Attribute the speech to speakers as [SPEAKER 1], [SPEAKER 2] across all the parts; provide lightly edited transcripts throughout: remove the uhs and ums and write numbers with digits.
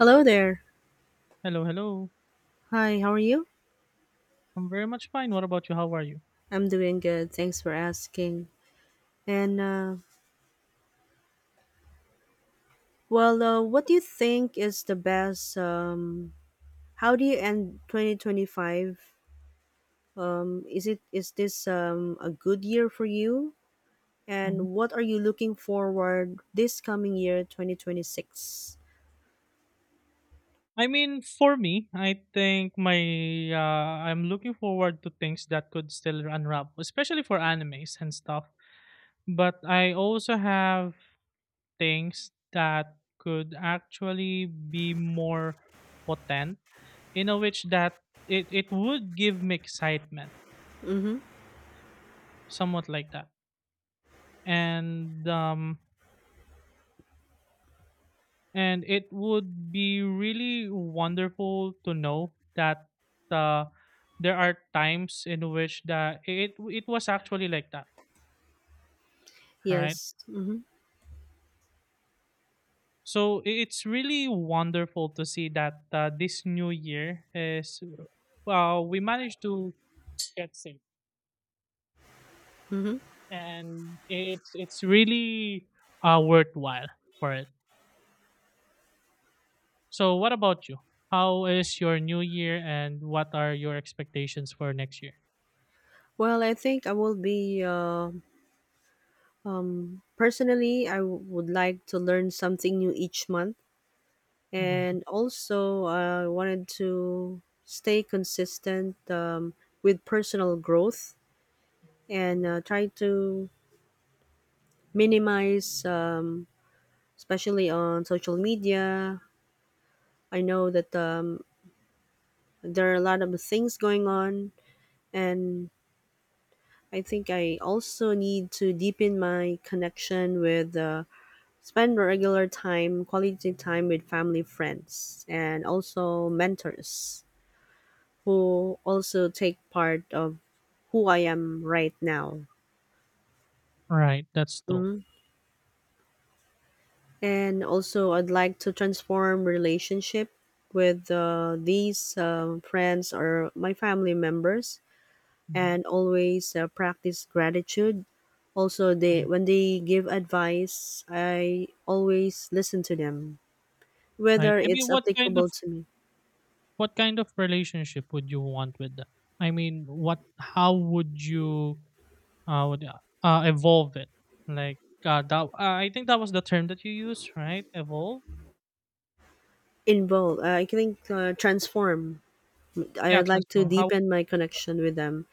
[SPEAKER 1] Hello there.
[SPEAKER 2] Hello, hello.
[SPEAKER 1] Hi, how are you?
[SPEAKER 2] I'm very much fine. What about you? How are you?
[SPEAKER 1] I'm doing good. Thanks for asking. And uh, what do you think is the best? How do you end 2025? Is this a good year for you? And
[SPEAKER 2] Mhm.
[SPEAKER 1] what are you looking forward this coming year, 2026?
[SPEAKER 2] I mean, for me, I think my I'm looking forward to things that could still unwrap, especially for animes and stuff. But I also have things that could actually be more potent in a which that it would give me excitement,
[SPEAKER 1] Mm-hmm.
[SPEAKER 2] somewhat like that. And um, And it would be really wonderful to know that uh, there are times in which that it was actually like that, right?
[SPEAKER 1] Yes. Mm-hmm.
[SPEAKER 2] So it's really wonderful to see that this new year is, well, we managed to get saved,
[SPEAKER 1] Mm-hmm.
[SPEAKER 2] and it's really worthwhile for it. So what about you? How is your new year, and what are your expectations for next year?
[SPEAKER 1] Well, I think I will be. Personally, would like to learn something new each month,
[SPEAKER 2] Mhm.
[SPEAKER 1] and also I wanted to stay consistent with personal growth, and try to minimize, especially on social media. I know that there are a lot of things going on, and I think I also need to deepen my connection with. Spend regular time, quality time with family, friends, and also mentors who also take part of who I am right now.
[SPEAKER 2] Right, that's true.
[SPEAKER 1] Mhm. And also, I'd like to transform relationship with these friends or my family members,
[SPEAKER 2] Mhm,
[SPEAKER 1] and always practice gratitude. Also, they
[SPEAKER 2] mhm.
[SPEAKER 1] when they give advice, I always listen to them,
[SPEAKER 2] Right.
[SPEAKER 1] whether
[SPEAKER 2] I mean,
[SPEAKER 1] it's
[SPEAKER 2] what kind of
[SPEAKER 1] applicable to me.
[SPEAKER 2] what kind of relationship would you want with them? I mean, what? How would you uh, would, evolve it? Like that? I think that was the term that you used, right? Evolve.
[SPEAKER 1] Involve, I think, transform.
[SPEAKER 2] Yeah,
[SPEAKER 1] I'd like to
[SPEAKER 2] transform. How?
[SPEAKER 1] deepen my connection with them.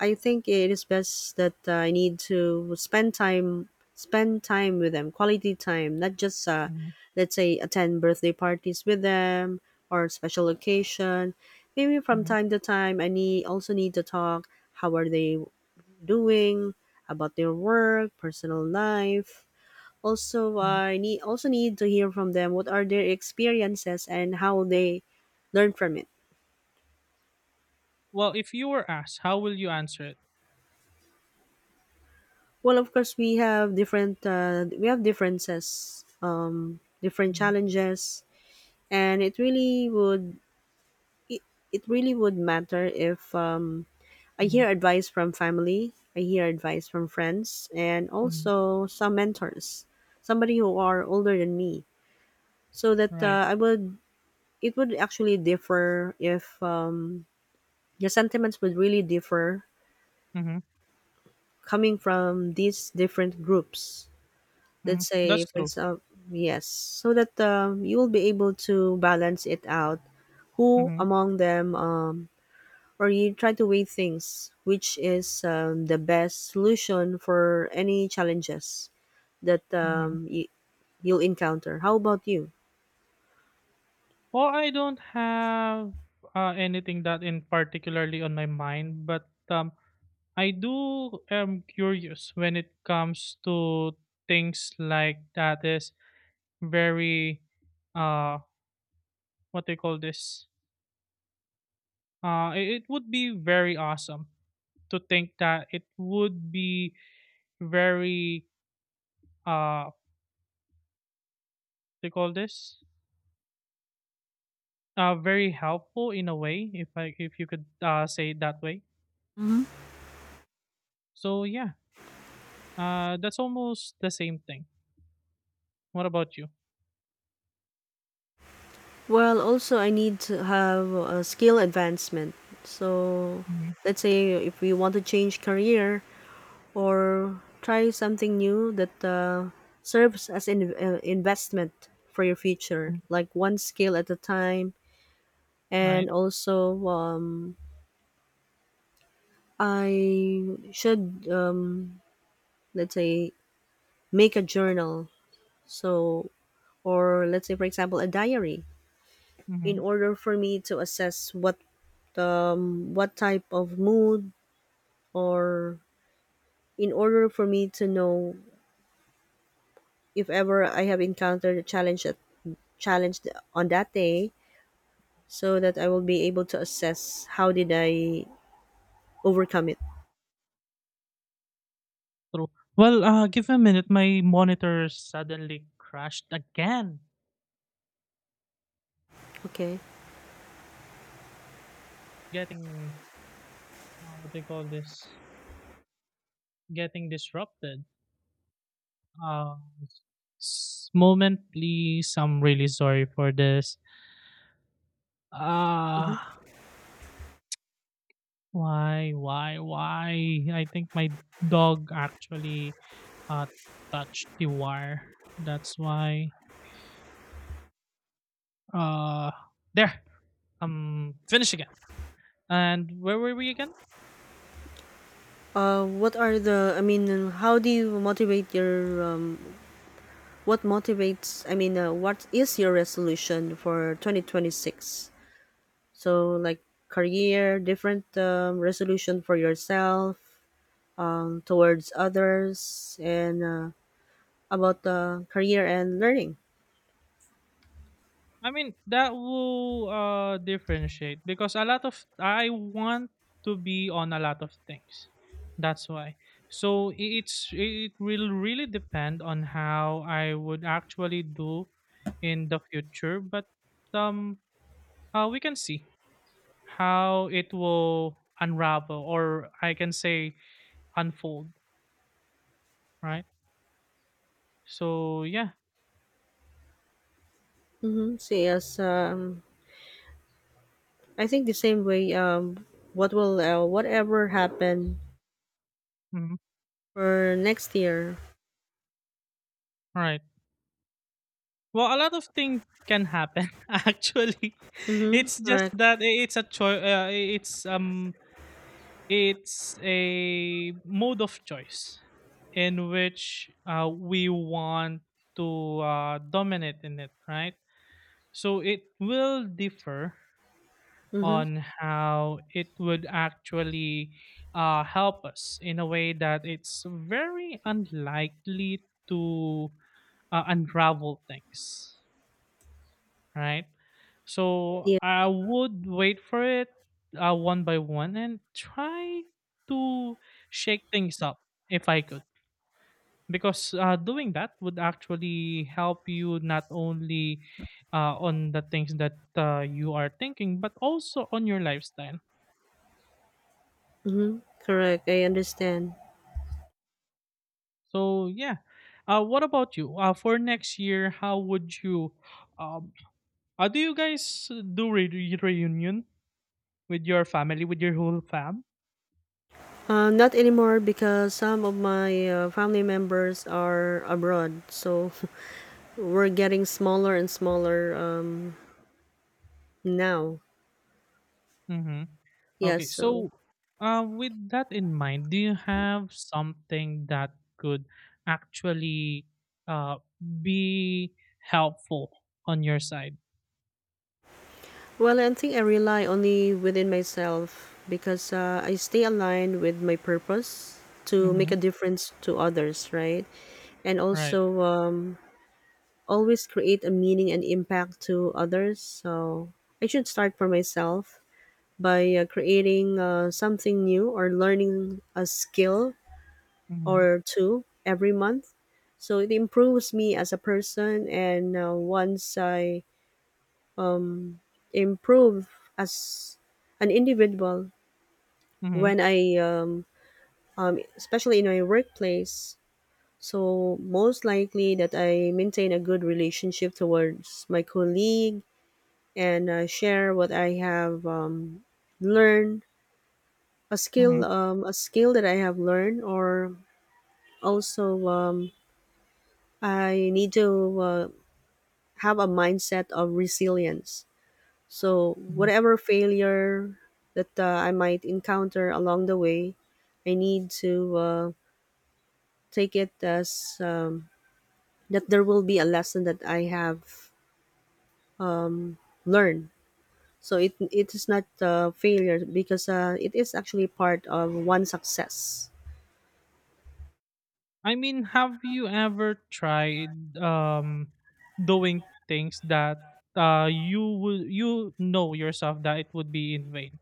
[SPEAKER 1] I think it is best that I need to spend time with them, quality time, not just
[SPEAKER 2] Mhm,
[SPEAKER 1] let's say attend birthday parties with them or special occasion. Maybe from
[SPEAKER 2] mhm,
[SPEAKER 1] time to time, I need also need to talk. How are they doing? About their work, personal life. Also,
[SPEAKER 2] mhm.
[SPEAKER 1] I need also need to hear from them. What are their experiences and how they learn from it.
[SPEAKER 2] Well, if you were asked, how will you answer it?
[SPEAKER 1] Well, of course, we have differences, different
[SPEAKER 2] Mhm,
[SPEAKER 1] challenges, and it, it really would matter if I
[SPEAKER 2] mhm,
[SPEAKER 1] hear advice from family, I hear advice from friends, and
[SPEAKER 2] mhm.
[SPEAKER 1] also some mentors, somebody who are older than me, so that
[SPEAKER 2] Right.
[SPEAKER 1] I would it would actually differ if your sentiments would really differ
[SPEAKER 2] Mm-hmm,
[SPEAKER 1] coming from these different groups.
[SPEAKER 2] mm-hmm.
[SPEAKER 1] Let's say,
[SPEAKER 2] That's
[SPEAKER 1] for
[SPEAKER 2] true.
[SPEAKER 1] example, yes, so that you will be able to balance it out who
[SPEAKER 2] Mm-hmm,
[SPEAKER 1] among them or you try to weigh things which is the best solution for any challenges that
[SPEAKER 2] mm-hmm.
[SPEAKER 1] you'll encounter. How about you?
[SPEAKER 2] Well, I don't have anything that in particularly on my mind, but I do am curious when it comes to things like that is very uh what they call this it would be very awesome to think that it would be very uh they call this very helpful in a way if you could say it that way, so yeah, that's almost the same thing. What about you?
[SPEAKER 1] Well, also I need to have a skill advancement. So
[SPEAKER 2] Mm-hmm.
[SPEAKER 1] let's say if we want to change career or try something new that serves as an investment for your future, like one skill at a time.
[SPEAKER 2] Right.
[SPEAKER 1] And also, um, I should let's say make a journal. So, or let's say for example, a diary, in
[SPEAKER 2] Mm-hmm.
[SPEAKER 1] order for me to assess what type of mood, or in order for me to know if ever I have encountered a challenge, that challenge on that day, so that I will be able to assess how did I overcome it.
[SPEAKER 2] True. Well, give a minute. My monitor suddenly crashed again,
[SPEAKER 1] Okay.
[SPEAKER 2] getting what they call this, getting disrupted. Uh, Moment, please. I'm really sorry for this.
[SPEAKER 1] Mhm.
[SPEAKER 2] Ah, why? I think my dog actually uh touched the wire. That's why. Uh, there. I'm finished again. And where were we again?
[SPEAKER 1] What are the? I mean, how do you motivate your? What motivates? I mean, what is your resolution for 2026? So like career, different resolution for yourself, towards others, and about career and learning.
[SPEAKER 2] I mean, that will differentiate because a lot of I want to be on a lot of things. That's why. So it's, it will really depend on how I would actually do in the future, but um, we can see how it will unravel, or I can say unfold, right? So yeah,
[SPEAKER 1] Mm-hmm. So yes, I think the same way. What will whatever happen
[SPEAKER 2] mm-hmm.
[SPEAKER 1] for next year?
[SPEAKER 2] Well, a lot of things can happen actually.
[SPEAKER 1] Mm-hmm.
[SPEAKER 2] It's just
[SPEAKER 1] Correct.
[SPEAKER 2] that it's a choice. It's um, it's a mode of choice in which we want to dominate in it, right? So it will differ
[SPEAKER 1] Mm-hmm.
[SPEAKER 2] on how it would actually help us in a way that it's very unlikely to unravel things, right? So
[SPEAKER 1] Yeah.
[SPEAKER 2] I would wait for it one by one and try to shake things up if I could. Because doing that would actually help you not only on the things that you are thinking, but also on your lifestyle.
[SPEAKER 1] Mm-hmm. Correct. I understand.
[SPEAKER 2] So, yeah. What about you? For next year, how would you? Um, do you guys do reunion with your family, with your whole fam?
[SPEAKER 1] Not anymore because some of my family members are abroad, so we're getting smaller and smaller now,
[SPEAKER 2] Mm-hmm.
[SPEAKER 1] yeah,
[SPEAKER 2] Okay,
[SPEAKER 1] so
[SPEAKER 2] so with that in mind, do you have something that could actually uh, be helpful on your side?
[SPEAKER 1] well, I think I rely only within myself because I stay aligned with my purpose to make
[SPEAKER 2] Mm-hmm.
[SPEAKER 1] a difference to others, right? And
[SPEAKER 2] Right.
[SPEAKER 1] also, always create a meaning and impact to others. So I should start for myself by creating something new or learning a skill
[SPEAKER 2] Mm-hmm.
[SPEAKER 1] or two every month. So it improves me as a person, and once I um, improve as an individual,
[SPEAKER 2] Mm-hmm.
[SPEAKER 1] when I especially in my workplace. So most likely that I maintain a good relationship towards my colleague and share what I have learned,
[SPEAKER 2] Mm-hmm.
[SPEAKER 1] a skill that I have learned, or also I need to have a mindset of resilience. So,
[SPEAKER 2] Hmm.
[SPEAKER 1] whatever failure that I might encounter along the way, I need to take it as that there will be a lesson that I have learned. So it is not a failure because it is actually part of one success.
[SPEAKER 2] I mean, have you ever tried doing things that you would you know yourself that it would be in vain?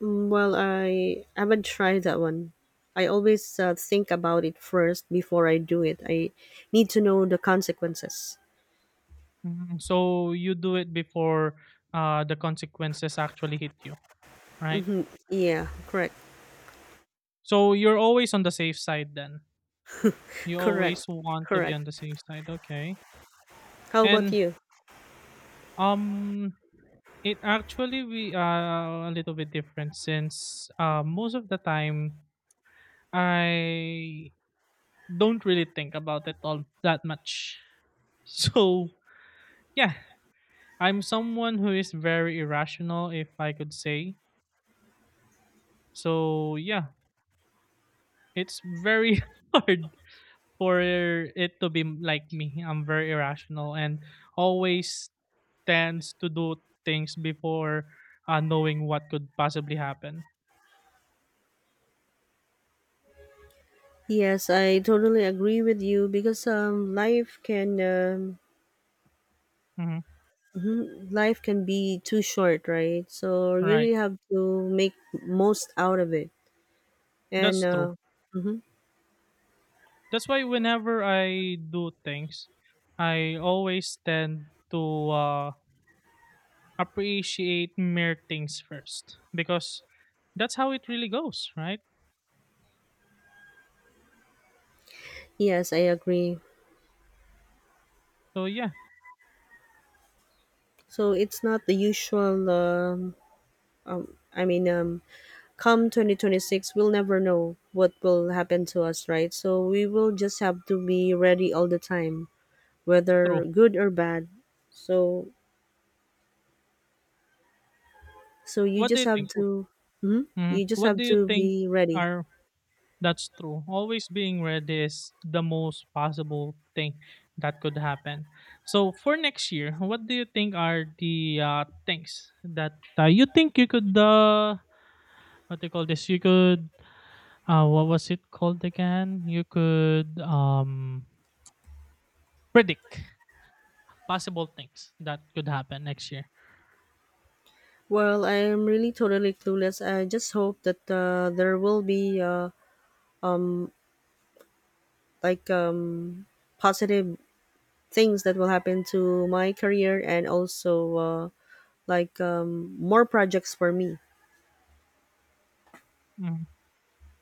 [SPEAKER 1] Mm, well, I haven't tried that one. I always think about it first before I do it. I need to know the consequences.
[SPEAKER 2] Mhm. So you do it before the consequences actually hit you, right?
[SPEAKER 1] Yeah, correct,
[SPEAKER 2] So you're always on the safe side then? You
[SPEAKER 1] correct,
[SPEAKER 2] always want to be
[SPEAKER 1] correct.
[SPEAKER 2] on the safe side, okay.
[SPEAKER 1] How about
[SPEAKER 2] And,
[SPEAKER 1] you?
[SPEAKER 2] um, it actually we are a little bit different since, most of the time I don't really think about it all that much. So, yeah, I'm someone who is very irrational, if I could say. So, yeah, it's very hard for it to be like me. I'm very irrational and always tends to do things before, knowing what could possibly happen.
[SPEAKER 1] Yes, I totally agree with you because
[SPEAKER 2] Mhm,
[SPEAKER 1] life can be too short, right? So you
[SPEAKER 2] right.
[SPEAKER 1] really have to make most out of it. And
[SPEAKER 2] That's true. That's why whenever I do things, I always tend to appreciate mere things first because that's how it really goes, right?
[SPEAKER 1] yes, I agree.
[SPEAKER 2] So yeah,
[SPEAKER 1] So it's not the usual. I mean, come 2026, we'll never know what will happen to us, right? So we will just have to be ready all the time,
[SPEAKER 2] true.
[SPEAKER 1] whether good or bad. So you
[SPEAKER 2] What do
[SPEAKER 1] just
[SPEAKER 2] you
[SPEAKER 1] have
[SPEAKER 2] think?
[SPEAKER 1] to, hmm,
[SPEAKER 2] Mhm.
[SPEAKER 1] you just
[SPEAKER 2] What
[SPEAKER 1] have
[SPEAKER 2] do you
[SPEAKER 1] to
[SPEAKER 2] think
[SPEAKER 1] be ready.
[SPEAKER 2] are. That's true. Always being ready is the most possible thing that could happen. So for next year, what do you think are the things that you think you could what do you call this? You could what was it called again? You could predict possible things that could happen next year.
[SPEAKER 1] Well, I am really totally clueless. I just hope that there will be like positive things that will happen to my career, and also like more projects for me.
[SPEAKER 2] Mhm.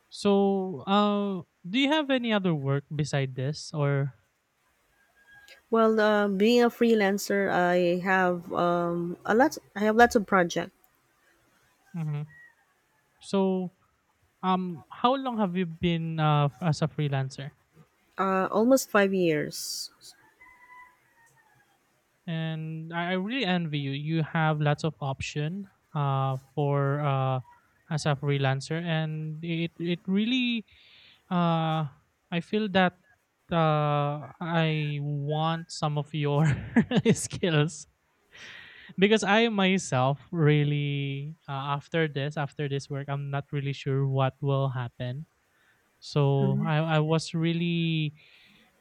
[SPEAKER 2] So do you have any other work beside this or?
[SPEAKER 1] Well, being a freelancer, I have a lot. I have lots of projects.
[SPEAKER 2] Mhm. So, how long have you been as a freelancer?
[SPEAKER 1] Almost 5 years.
[SPEAKER 2] And I really envy you. You have lots of option for as a freelancer, and it really uh, I feel that I want some of your skills because I myself really after this work I'm not really sure what will happen. So
[SPEAKER 1] Hmm.
[SPEAKER 2] I was really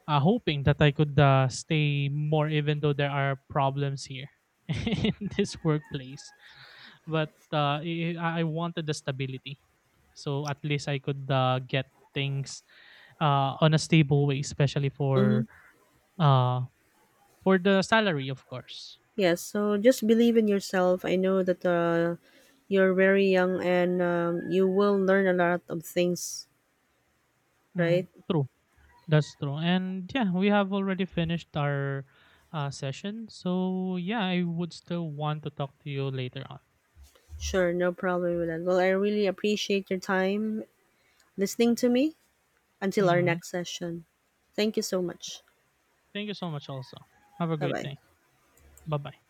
[SPEAKER 2] hoping that I could stay more, even though there are problems here in this workplace. But I wanted the stability, so at least I could get things on a stable way, especially
[SPEAKER 1] Hmm.
[SPEAKER 2] uh, for the salary, of course.
[SPEAKER 1] Yes. So just believe in yourself. I know that you're very young and you will learn a lot of things, right?
[SPEAKER 2] Mm, true, that's true. And yeah, we have already finished our session, so yeah, I would still want to talk to you later on.
[SPEAKER 1] Sure, no problem with that. Well, I really appreciate your time listening to me until our
[SPEAKER 2] Hmm.
[SPEAKER 1] next session. Thank you so much.
[SPEAKER 2] Thank you so much. Also, have a
[SPEAKER 1] Bye
[SPEAKER 2] great
[SPEAKER 1] bye.
[SPEAKER 2] day. Bye bye.